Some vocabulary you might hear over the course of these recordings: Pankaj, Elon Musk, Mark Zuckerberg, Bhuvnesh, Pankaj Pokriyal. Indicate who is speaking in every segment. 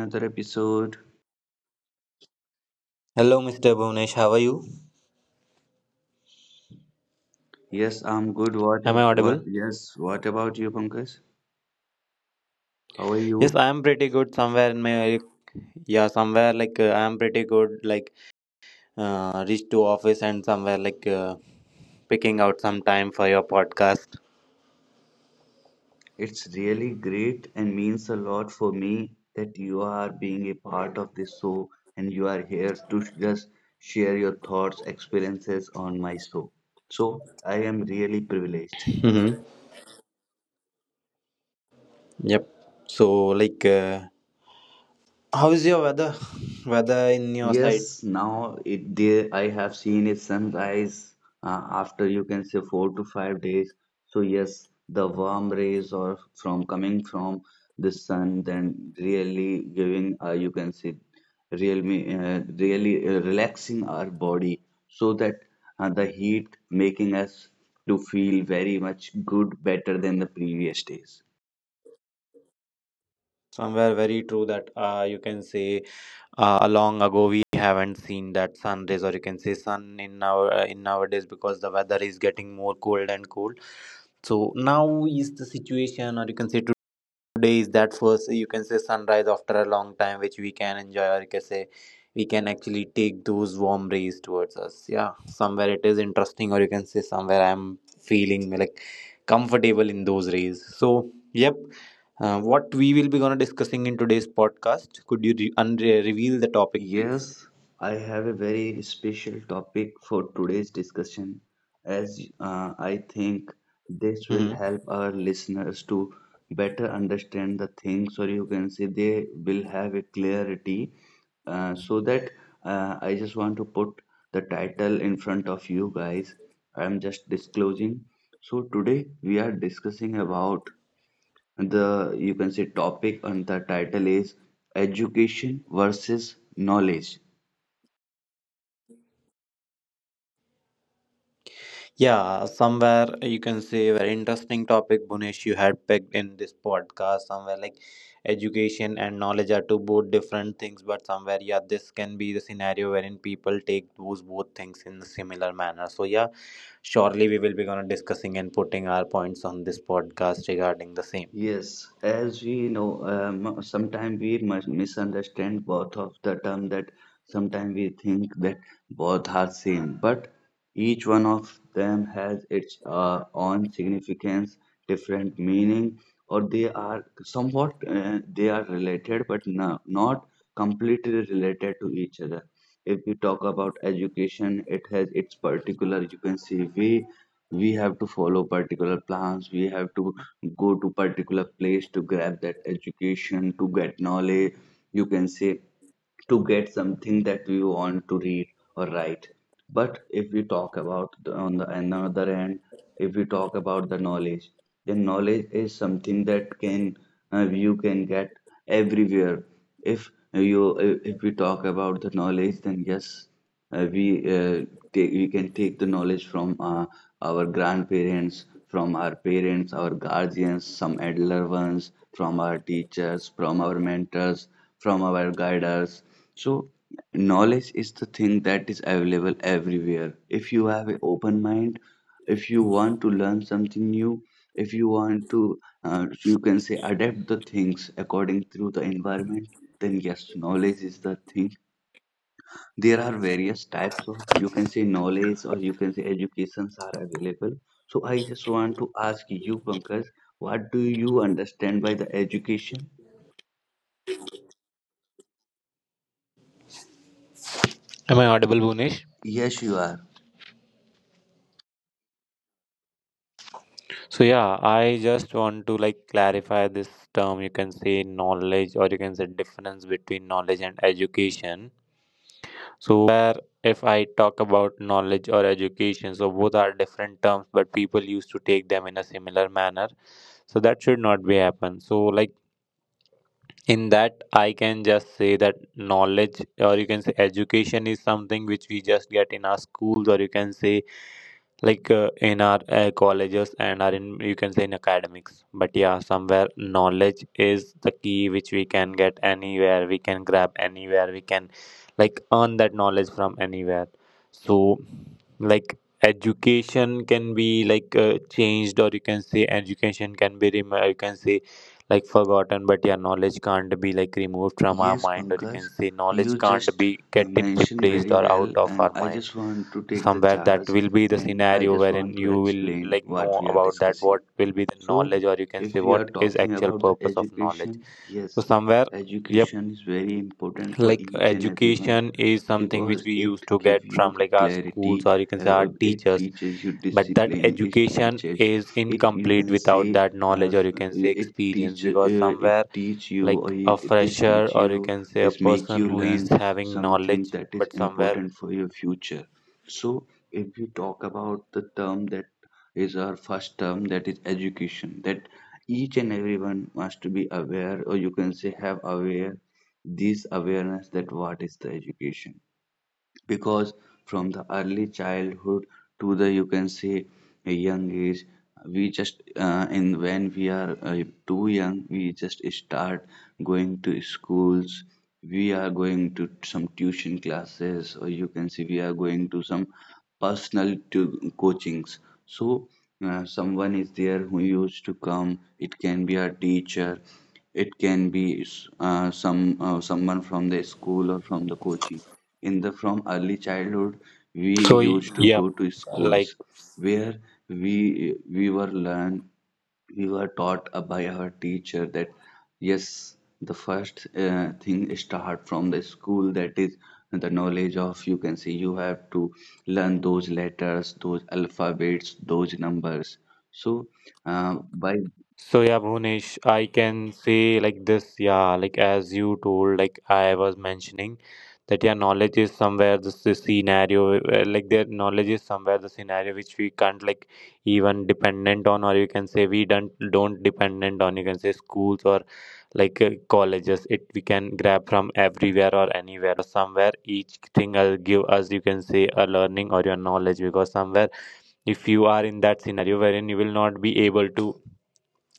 Speaker 1: another episode.
Speaker 2: Hello, Mr. Bhuvnesh. How are you?
Speaker 1: Yes, I'm good. What?
Speaker 2: Am I
Speaker 1: What?
Speaker 2: audible?
Speaker 1: Yes. What about you, Pankaj? How are
Speaker 2: Yes,
Speaker 1: you?
Speaker 2: I am pretty good. Somewhere in my yeah, somewhere like I am pretty good. Like reach to office and somewhere like picking out some time for your podcast.
Speaker 1: It's really great and means a lot for me that you are being a part of this show and you are here to just share your thoughts, experiences on my show. So I am really privileged.
Speaker 2: Mm-hmm. Yep. So like, how is your weather? Weather in your side?
Speaker 1: Yes, now it there I have seen a sunrise after you can say 4 to 5 days. So yes, the warm rays or from coming from the sun then really giving you can say really really relaxing our body so that the heat making us to feel very much good better than the previous days.
Speaker 2: Somewhere very true that you can say a long ago we haven't seen that sun rays or you can say sun in our in nowadays because the weather is getting more cold and cold. So now is the situation, or you can say today is that first, you can say sunrise after a long time, which we can enjoy, or you can say we can actually take those warm rays towards us. Yeah, somewhere it is interesting, or you can say somewhere I'm feeling like comfortable in those rays. So, yep. What we will be gonna discussing in today's podcast? Could you reveal the topic, please?
Speaker 1: Yes, I have a very special topic for today's discussion, as I think this will
Speaker 2: Mm-hmm.
Speaker 1: help our listeners to better understand the things, or you can say they will have a clarity. So that I just want to put the title in front of you guys. I'm just disclosing. So today we are discussing about the you can say topic and the title is education versus knowledge.
Speaker 2: Yeah, somewhere you can say very interesting topic, Bunesh, you had picked in this podcast. Somewhere like education and knowledge are two both different things, but somewhere, yeah, this can be the scenario wherein people take those both things in a similar manner. So, yeah, surely we will be gonna discussing and putting our points on this podcast regarding the same.
Speaker 1: Yes, as we know, sometimes we must misunderstand both of the term that sometimes we think that both are same, but each one of them has its own significance, different meaning, or they are somewhat they are related, but no, not completely related to each other. If we talk about education, it has its particular, you can see, way we have to follow particular plans we have to go to particular place to grab that education to get knowledge you can say to get something that we want to read or write. But if we talk on the another end, if we talk about the knowledge, then knowledge is something that can you can get everywhere. If you if we talk about the knowledge, then yes, uh, we uh, we can take the knowledge from our grandparents, from our parents, our guardians, some elder ones, from our teachers, from our mentors, from our guiders, so, knowledge is the thing that is available everywhere. If you have an open mind, if you want to learn something new, if you want to, you can say, adapt the things according through the environment, then yes, knowledge is the thing. There are various types of, you can say, knowledge or you can say educations are available. So, I just want to ask you, Pankaj, what do you understand by the education?
Speaker 2: Am I audible, Bunesh?
Speaker 1: Yes, you are.
Speaker 2: So yeah, I just want to like clarify this term. You can say knowledge, or you can say difference between knowledge and education. So if I talk about knowledge or education, so both are different terms, but people used to take them in a similar manner. So that should not be happen. So like in that I can just say that knowledge or you can say education is something which we just get in our schools or you can say like in our colleges and are in you can say in academics, but yeah somewhere knowledge is the key which we can get anywhere, we can grab anywhere, we can like earn that knowledge from anywhere. So like education can be like changed or you can say education can be you can say like forgotten, but yeah knowledge can't be like removed from our
Speaker 1: Yes,
Speaker 2: mind or you
Speaker 1: Pankaj,
Speaker 2: can say knowledge
Speaker 1: you
Speaker 2: can't
Speaker 1: just
Speaker 2: be getting
Speaker 1: mentioned
Speaker 2: replaced
Speaker 1: very
Speaker 2: or out
Speaker 1: well,
Speaker 2: of
Speaker 1: and
Speaker 2: our
Speaker 1: I
Speaker 2: mind.
Speaker 1: just want to
Speaker 2: So
Speaker 1: take the
Speaker 2: somewhere that
Speaker 1: charge
Speaker 2: will be the
Speaker 1: and I
Speaker 2: scenario
Speaker 1: just
Speaker 2: wherein
Speaker 1: want to
Speaker 2: you will
Speaker 1: explain
Speaker 2: like
Speaker 1: what
Speaker 2: know
Speaker 1: we are
Speaker 2: about that
Speaker 1: discussing.
Speaker 2: what will be the
Speaker 1: So,
Speaker 2: knowledge or you can
Speaker 1: if
Speaker 2: say
Speaker 1: we are
Speaker 2: what is
Speaker 1: talking
Speaker 2: actual
Speaker 1: about the
Speaker 2: purpose of knowledge.
Speaker 1: education,
Speaker 2: So
Speaker 1: yes,
Speaker 2: somewhere yep,
Speaker 1: education is very important for
Speaker 2: like
Speaker 1: each and everyone
Speaker 2: education is something which
Speaker 1: because
Speaker 2: we
Speaker 1: it
Speaker 2: used to
Speaker 1: gives
Speaker 2: get
Speaker 1: you
Speaker 2: from
Speaker 1: the
Speaker 2: like our schools
Speaker 1: clarity
Speaker 2: or you can say our
Speaker 1: it
Speaker 2: teachers,
Speaker 1: teaches you
Speaker 2: but that
Speaker 1: discipline it
Speaker 2: education
Speaker 1: teaches
Speaker 2: is
Speaker 1: it you
Speaker 2: incomplete
Speaker 1: can
Speaker 2: without
Speaker 1: say
Speaker 2: that
Speaker 1: uh,
Speaker 2: knowledge or you can say
Speaker 1: it
Speaker 2: experience,
Speaker 1: teach
Speaker 2: because
Speaker 1: uh, it
Speaker 2: somewhere
Speaker 1: teach you or
Speaker 2: like a
Speaker 1: this
Speaker 2: fresher
Speaker 1: teach
Speaker 2: or you
Speaker 1: you
Speaker 2: can say a
Speaker 1: this make
Speaker 2: person
Speaker 1: you
Speaker 2: who is
Speaker 1: learn
Speaker 2: having
Speaker 1: something
Speaker 2: knowledge
Speaker 1: that is
Speaker 2: but somewhere.
Speaker 1: important for your future so if we talk about the term that is our first term that is education that each and everyone must be aware or you can say have aware this awareness that what is the education because from the early childhood to the you can say a young age we just in when we are too young we just start going to schools we are going to some tuition classes or you can see we are going to some personal to coachings so someone is there who used to come it can be a teacher it can be someone from the school or from the coaching in the from early childhood we
Speaker 2: So,
Speaker 1: used to
Speaker 2: yep,
Speaker 1: go to
Speaker 2: like.
Speaker 1: schools where we we were learn we were taught by our teacher that yes the first thing start from the school that is the knowledge of you can say you have to learn those letters those alphabets those numbers so by
Speaker 2: So yeah, Bhunesh, I can say like this, yeah, like as you told, like I was mentioning that yeah, knowledge is somewhere this, the scenario, like their knowledge is somewhere the scenario which we can't like even dependent on, or you can say we don't dependent on. You can say schools or like colleges. It we can grab from everywhere or anywhere. Somewhere each thing will give us you can say a learning or your knowledge, because somewhere if you are in that scenario wherein you will not be able to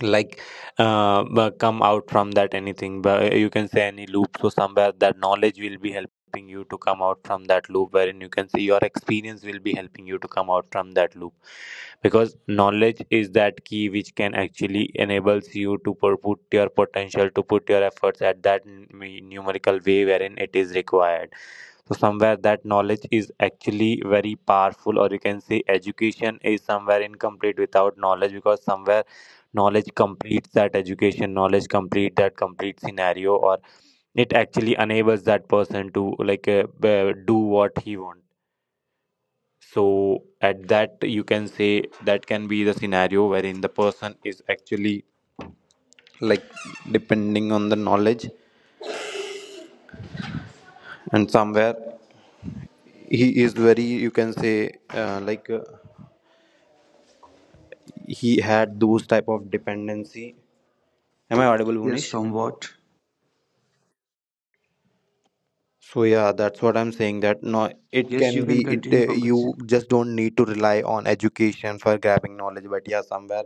Speaker 2: like come out from that anything but you can say any loop. So somewhere that knowledge will be helping you to come out from that loop, wherein you can say your experience will be helping you to come out from that loop, because knowledge is that key which can actually enables you to put your potential, to put your efforts at that numerical way wherein it is required. So somewhere that knowledge is actually very powerful, or you can say education is somewhere incomplete without knowledge, because somewhere knowledge completes that education, knowledge complete that complete scenario, or it actually enables that person to like do what he wants. So at that you can say that can be the scenario wherein the person is actually like depending on the knowledge and somewhere he is very you can say he had those type of dependency. Am I audible,
Speaker 1: yes
Speaker 2: unish
Speaker 1: somewhat
Speaker 2: So yeah, that's what I'm saying. That no, it
Speaker 1: yes
Speaker 2: can
Speaker 1: you
Speaker 2: be
Speaker 1: can
Speaker 2: it.
Speaker 1: continue Pankaj.
Speaker 2: You just don't need to rely on education for grabbing knowledge. But yeah, somewhere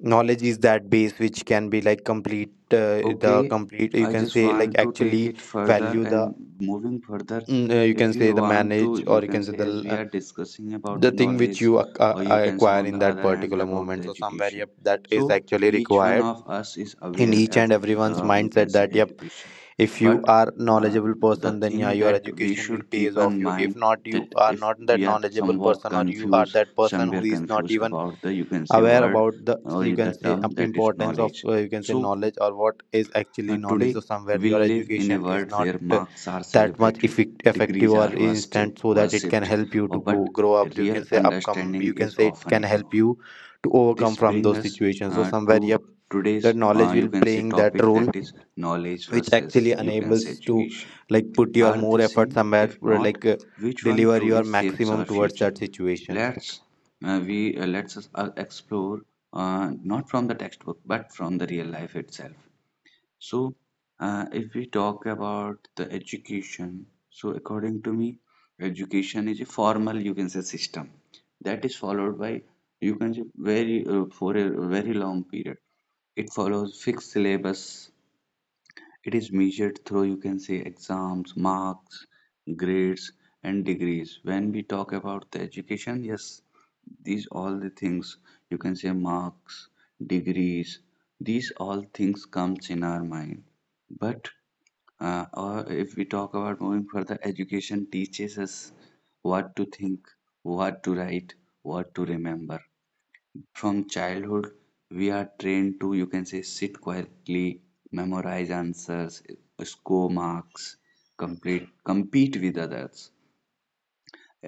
Speaker 2: knowledge is that base which can be like complete. The
Speaker 1: Okay,
Speaker 2: complete you
Speaker 1: I
Speaker 2: can
Speaker 1: just
Speaker 2: say like
Speaker 1: want to take
Speaker 2: actually
Speaker 1: it further
Speaker 2: value the
Speaker 1: and moving further.
Speaker 2: you can
Speaker 1: If
Speaker 2: say
Speaker 1: you
Speaker 2: the
Speaker 1: want to,
Speaker 2: manage or
Speaker 1: you
Speaker 2: you
Speaker 1: can
Speaker 2: can say
Speaker 1: say,
Speaker 2: the
Speaker 1: as we are discussing about
Speaker 2: the
Speaker 1: the
Speaker 2: thing which
Speaker 1: knowledge,
Speaker 2: you
Speaker 1: or you can say,
Speaker 2: acquire
Speaker 1: on the
Speaker 2: in that
Speaker 1: other hand,
Speaker 2: particular
Speaker 1: about the
Speaker 2: moment. So somewhere
Speaker 1: education.
Speaker 2: yep, that is
Speaker 1: So
Speaker 2: actually
Speaker 1: each one
Speaker 2: required
Speaker 1: of us is
Speaker 2: in
Speaker 1: aware
Speaker 2: each
Speaker 1: of
Speaker 2: and everyone's
Speaker 1: the, you can
Speaker 2: mindset.
Speaker 1: say,
Speaker 2: That yep,
Speaker 1: education.
Speaker 2: if you
Speaker 1: But
Speaker 2: are
Speaker 1: uh,
Speaker 2: knowledgeable
Speaker 1: the
Speaker 2: person then yeah
Speaker 1: thing
Speaker 2: your
Speaker 1: that we
Speaker 2: education will
Speaker 1: should keep
Speaker 2: pays off
Speaker 1: in
Speaker 2: you, if
Speaker 1: mind
Speaker 2: not you
Speaker 1: that
Speaker 2: are
Speaker 1: if
Speaker 2: not that
Speaker 1: we are
Speaker 2: knowledgeable
Speaker 1: somewhat
Speaker 2: person or you are
Speaker 1: confused,
Speaker 2: that person
Speaker 1: somewhere
Speaker 2: who is not
Speaker 1: confused
Speaker 2: even
Speaker 1: about the, you can say,
Speaker 2: aware
Speaker 1: word
Speaker 2: about the
Speaker 1: or
Speaker 2: you can
Speaker 1: the
Speaker 2: say
Speaker 1: term
Speaker 2: up
Speaker 1: that is
Speaker 2: importance of
Speaker 1: knowledge.
Speaker 2: you can say
Speaker 1: So
Speaker 2: knowledge or what is actually knowledge.
Speaker 1: today,
Speaker 2: So somewhere
Speaker 1: we
Speaker 2: your
Speaker 1: live in a
Speaker 2: education is
Speaker 1: world
Speaker 2: not
Speaker 1: where marks are
Speaker 2: that much
Speaker 1: celebrated,
Speaker 2: effective
Speaker 1: degrees
Speaker 2: or
Speaker 1: are
Speaker 2: instant so that it can
Speaker 1: worshipped,
Speaker 2: help you
Speaker 1: or
Speaker 2: to go
Speaker 1: but
Speaker 2: grow up, you
Speaker 1: real
Speaker 2: can say upcome,
Speaker 1: understanding
Speaker 2: you can
Speaker 1: is
Speaker 2: say it
Speaker 1: often
Speaker 2: can help
Speaker 1: ignored.
Speaker 2: you to overcome
Speaker 1: This
Speaker 2: from
Speaker 1: brings
Speaker 2: those
Speaker 1: us
Speaker 2: situations. So somewhere
Speaker 1: to
Speaker 2: yep, that
Speaker 1: today's,
Speaker 2: knowledge
Speaker 1: you
Speaker 2: will
Speaker 1: can say,
Speaker 2: playing that
Speaker 1: topic
Speaker 2: role
Speaker 1: that is knowledge
Speaker 2: which actually
Speaker 1: versus, you can say,
Speaker 2: enables to
Speaker 1: education.
Speaker 2: like put your
Speaker 1: Are
Speaker 2: more
Speaker 1: they
Speaker 2: effort
Speaker 1: same?
Speaker 2: somewhere
Speaker 1: If
Speaker 2: or
Speaker 1: not,
Speaker 2: like
Speaker 1: which one
Speaker 2: deliver your
Speaker 1: truly shapes our
Speaker 2: maximum towards
Speaker 1: future?
Speaker 2: that situation.
Speaker 1: Let's let's explore not from the textbook but from the real life itself. So, if we talk about the education, so according to me, education is a formal, you can say, system that is followed by, you can say, very for a very long period. It follows fixed syllabus. It is measured through, you can say, exams, marks, grades, and degrees. When we talk about the education, yes, these all the things, you can say, marks, degrees, these all things comes in our mind. But or if we talk about moving further, education teaches us what to think, what to write, what to remember. From childhood, we are trained to, you can say, sit quietly, memorize answers, score marks, compete with others.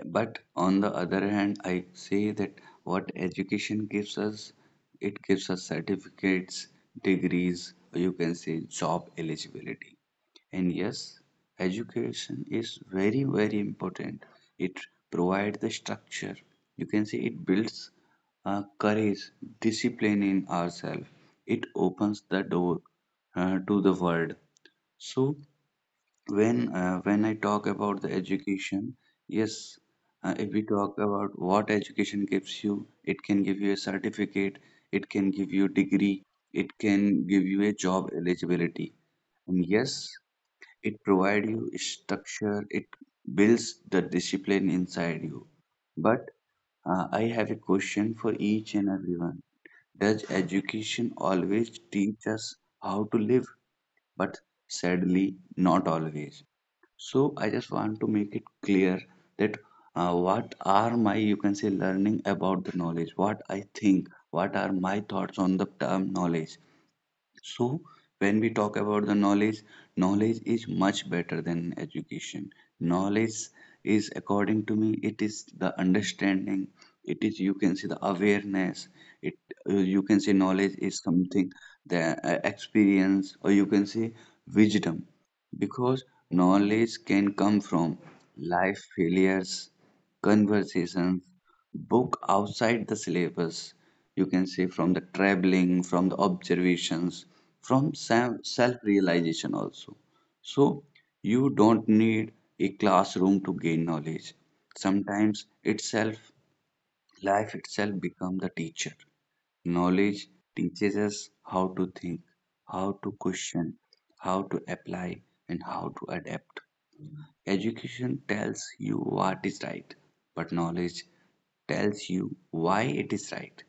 Speaker 1: But on the other hand, I say that what education gives us, it gives us certificates, degrees, or you can say job eligibility. And yes, education is very, very important. It provides the structure. You can say it builds courage, discipline in ourselves. It opens the door to the world. So when I talk about the education, yes, if we talk about what education gives you, it can give you a certificate, it can give you degree, it can give you a job eligibility. And yes, it provides you structure, it builds the discipline inside you. But I have a question for each and everyone. Does education always teach us how to live? But sadly, not always. So I just want to make it clear that what are my you can say learning about the knowledge, what I think, what are my thoughts on the term knowledge. So, when we talk about the knowledge, knowledge is much better than education. Knowledge is, according to me, it is the understanding. It is you can say the awareness. It you can say knowledge is something the experience, or you can say wisdom, because knowledge can come from life failures, conversations, book outside the syllabus you can say from the traveling from the observations from self realization also so you don't need a classroom to gain knowledge sometimes itself life itself become the teacher knowledge teaches us how to think how to question how to apply and how to adapt. Education tells you what is right, but knowledge tells you why it is right.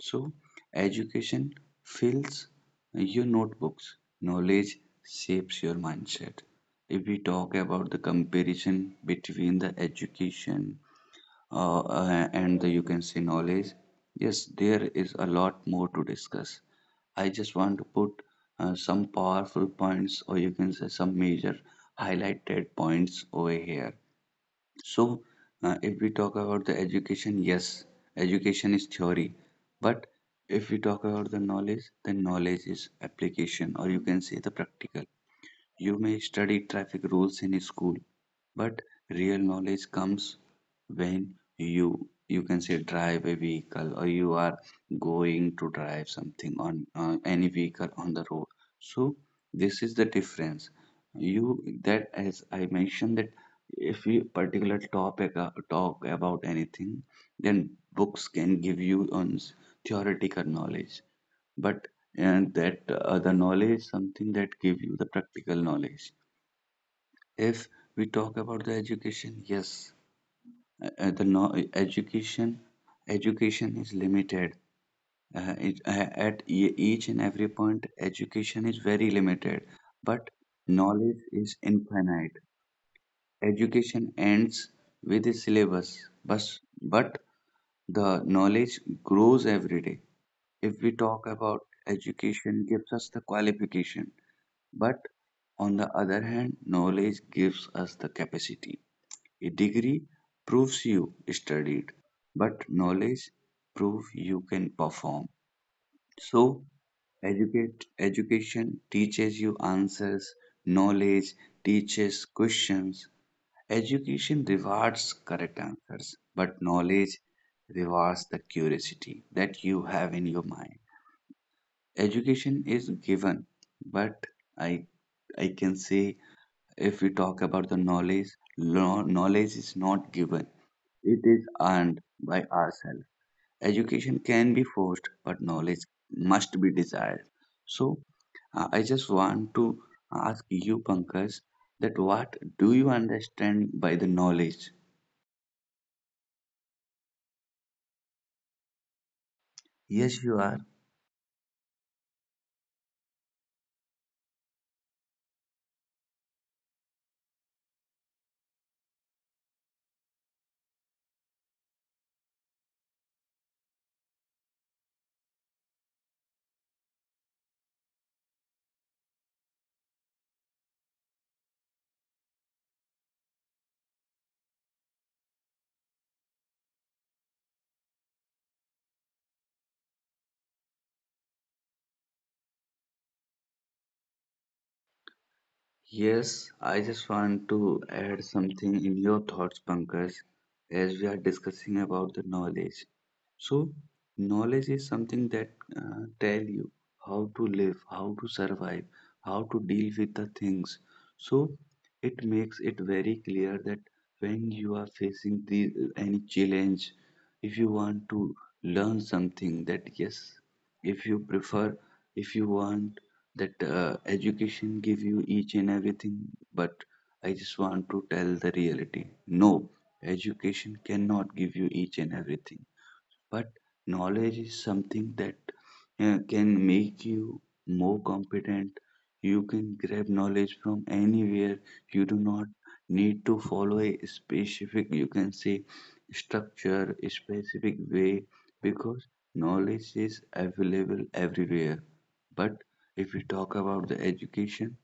Speaker 1: So, education fills your notebooks, knowledge shapes your mindset. If we talk about the comparison between the education and the, you can say knowledge. Yes, there is a lot more to discuss. I just want to put some powerful points, or you can say some major highlighted points over here. So, if we talk about the education, yes, education is theory, but if we talk about the knowledge, then knowledge is application, or you can say the practical. You may study traffic rules in school, but real knowledge comes when you you can say drive a vehicle or you are going to drive something on any vehicle on the road so this is the difference you that as I mentioned that if you particular topic talk about anything then books can give you on theoretical knowledge but and that the knowledge something that give you the practical knowledge if we talk about the education, yes, the no, education is limited. It, at each and every point, education is very limited, but knowledge is infinite. Education ends with the syllabus, but but the knowledge grows every day. If we talk about education, gives us the qualification, but on the other hand, knowledge gives us the capacity. A degree proves you studied, but knowledge proves you can perform. So, education teaches you answers, knowledge teaches questions. Education rewards correct answers, but knowledge rewards the curiosity that you have in your mind. Education is given, but I I can say if we talk about the knowledge, knowledge is not given, it is earned by ourselves. Education can be forced, but knowledge must be desired. So, I just want to ask you, Pankaj, that what do you understand by the knowledge? Yes, you are. Yes, I just want to add something in your thoughts, Pankaj, as we are discussing about the knowledge. So, knowledge is something that tell you how to live, how to survive, how to deal with the things. So, it makes it very clear that when you are facing the, any challenge, if you want to learn something, that yes, if you prefer, if you want that education give you each and everything, but I just want to tell the reality. No, education cannot give you each and everything, but knowledge is something that can make you more competent. You can grab knowledge from anywhere. You do not need to follow a specific, you can say, structure, a specific way, because knowledge is available everywhere. But if we talk about the education,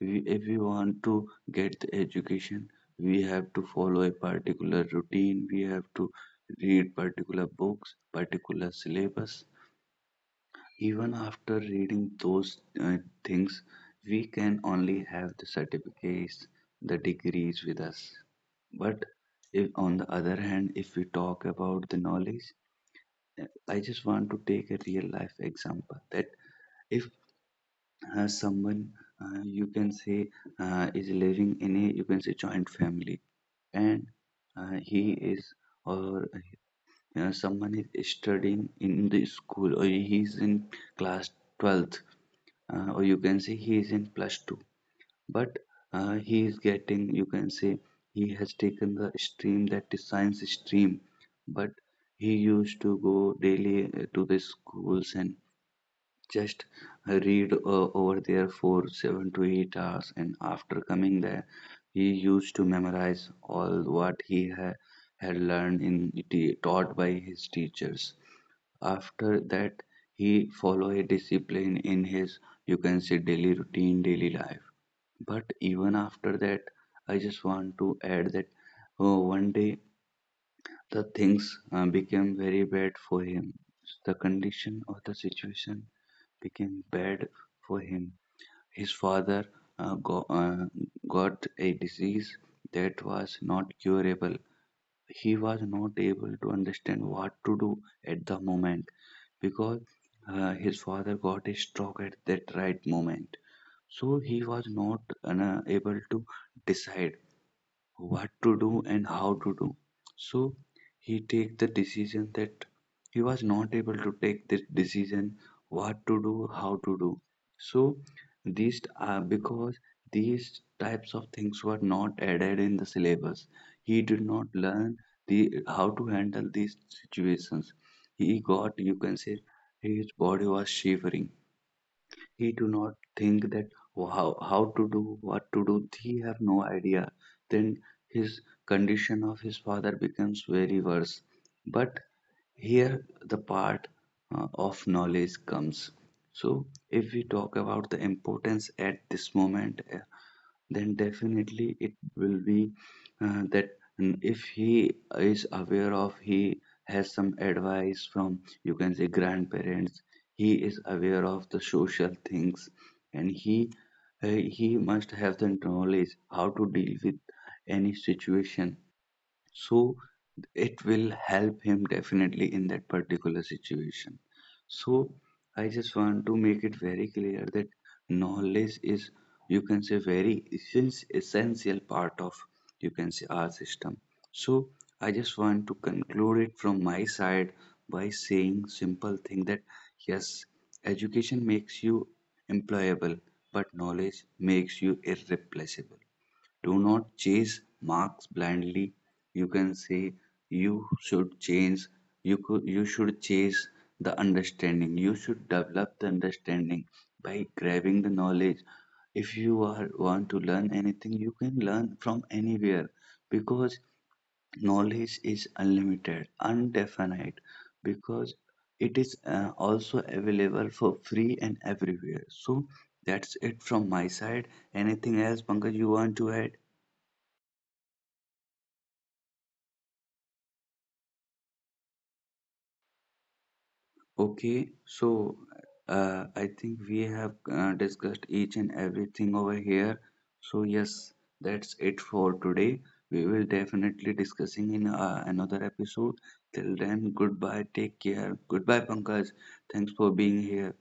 Speaker 1: if we want to get the education, we have to follow a particular routine, we have to read particular books, particular syllabus. Even after reading those things, we can only have the certificates, the degrees with us. But if, on the other hand, if we talk about the knowledge, I just want to take a real life example that if someone, you can say, is living in a, you can say, joint family, and he is, or someone is studying in the school, or he is in class 12th, or you can say he is in plus 2, but he is getting, you can say, he has taken the stream that is science stream, but he used to go daily to the schools and just read over there for 7 to 8 hours, and after coming there he used to memorize all what he had learned in taught by his teachers. After that he follow a discipline in his, you can say, daily routine, daily life. But even after that, I just want to add that one day the things became very bad for him. The condition or the situation became bad for him. His father uh, go, uh, got a disease that was not curable. He was not able to understand what to do at the moment, because his father got a stroke at that right moment. So he was not able to decide what to do and how to do. So he take the decision that he was not able to take the decision what to do, how to do. So these are, because these types of things were not added in the syllabus, he did not learn the how to handle these situations. He got, you can say, his body was shivering. He do not think that how to do, what to do. He have no idea. Then his condition of his father becomes very worse. But here the part of knowledge comes. So if we talk about the importance at this moment, then definitely it will be that if he is aware of, he has some advice from, you can say, grandparents, he is aware of the social things, and he must have the knowledge how to deal with any situation, so it will help him definitely in that particular situation. So I just want to make it very clear that knowledge is, you can say, very essential part of, you can say, our system. So I just want to conclude it from my side by saying simple thing that yes, education makes you employable, but knowledge makes you irreplaceable. Do not chase marks blindly. You can say you should change. You should chase the understanding. You should develop the understanding by grabbing the knowledge. If you are want to learn anything, you can learn from anywhere, because knowledge is unlimited, undefinite, because it is also available for free and everywhere. So that's it from my side. Anything else, Pankaj, you want to add? Okay, so I think we have discussed each and everything over here. So yes, that's it for today. We will definitely discussing in another episode. Till then, goodbye. Take care. Goodbye, Pankaj. Thanks for being here.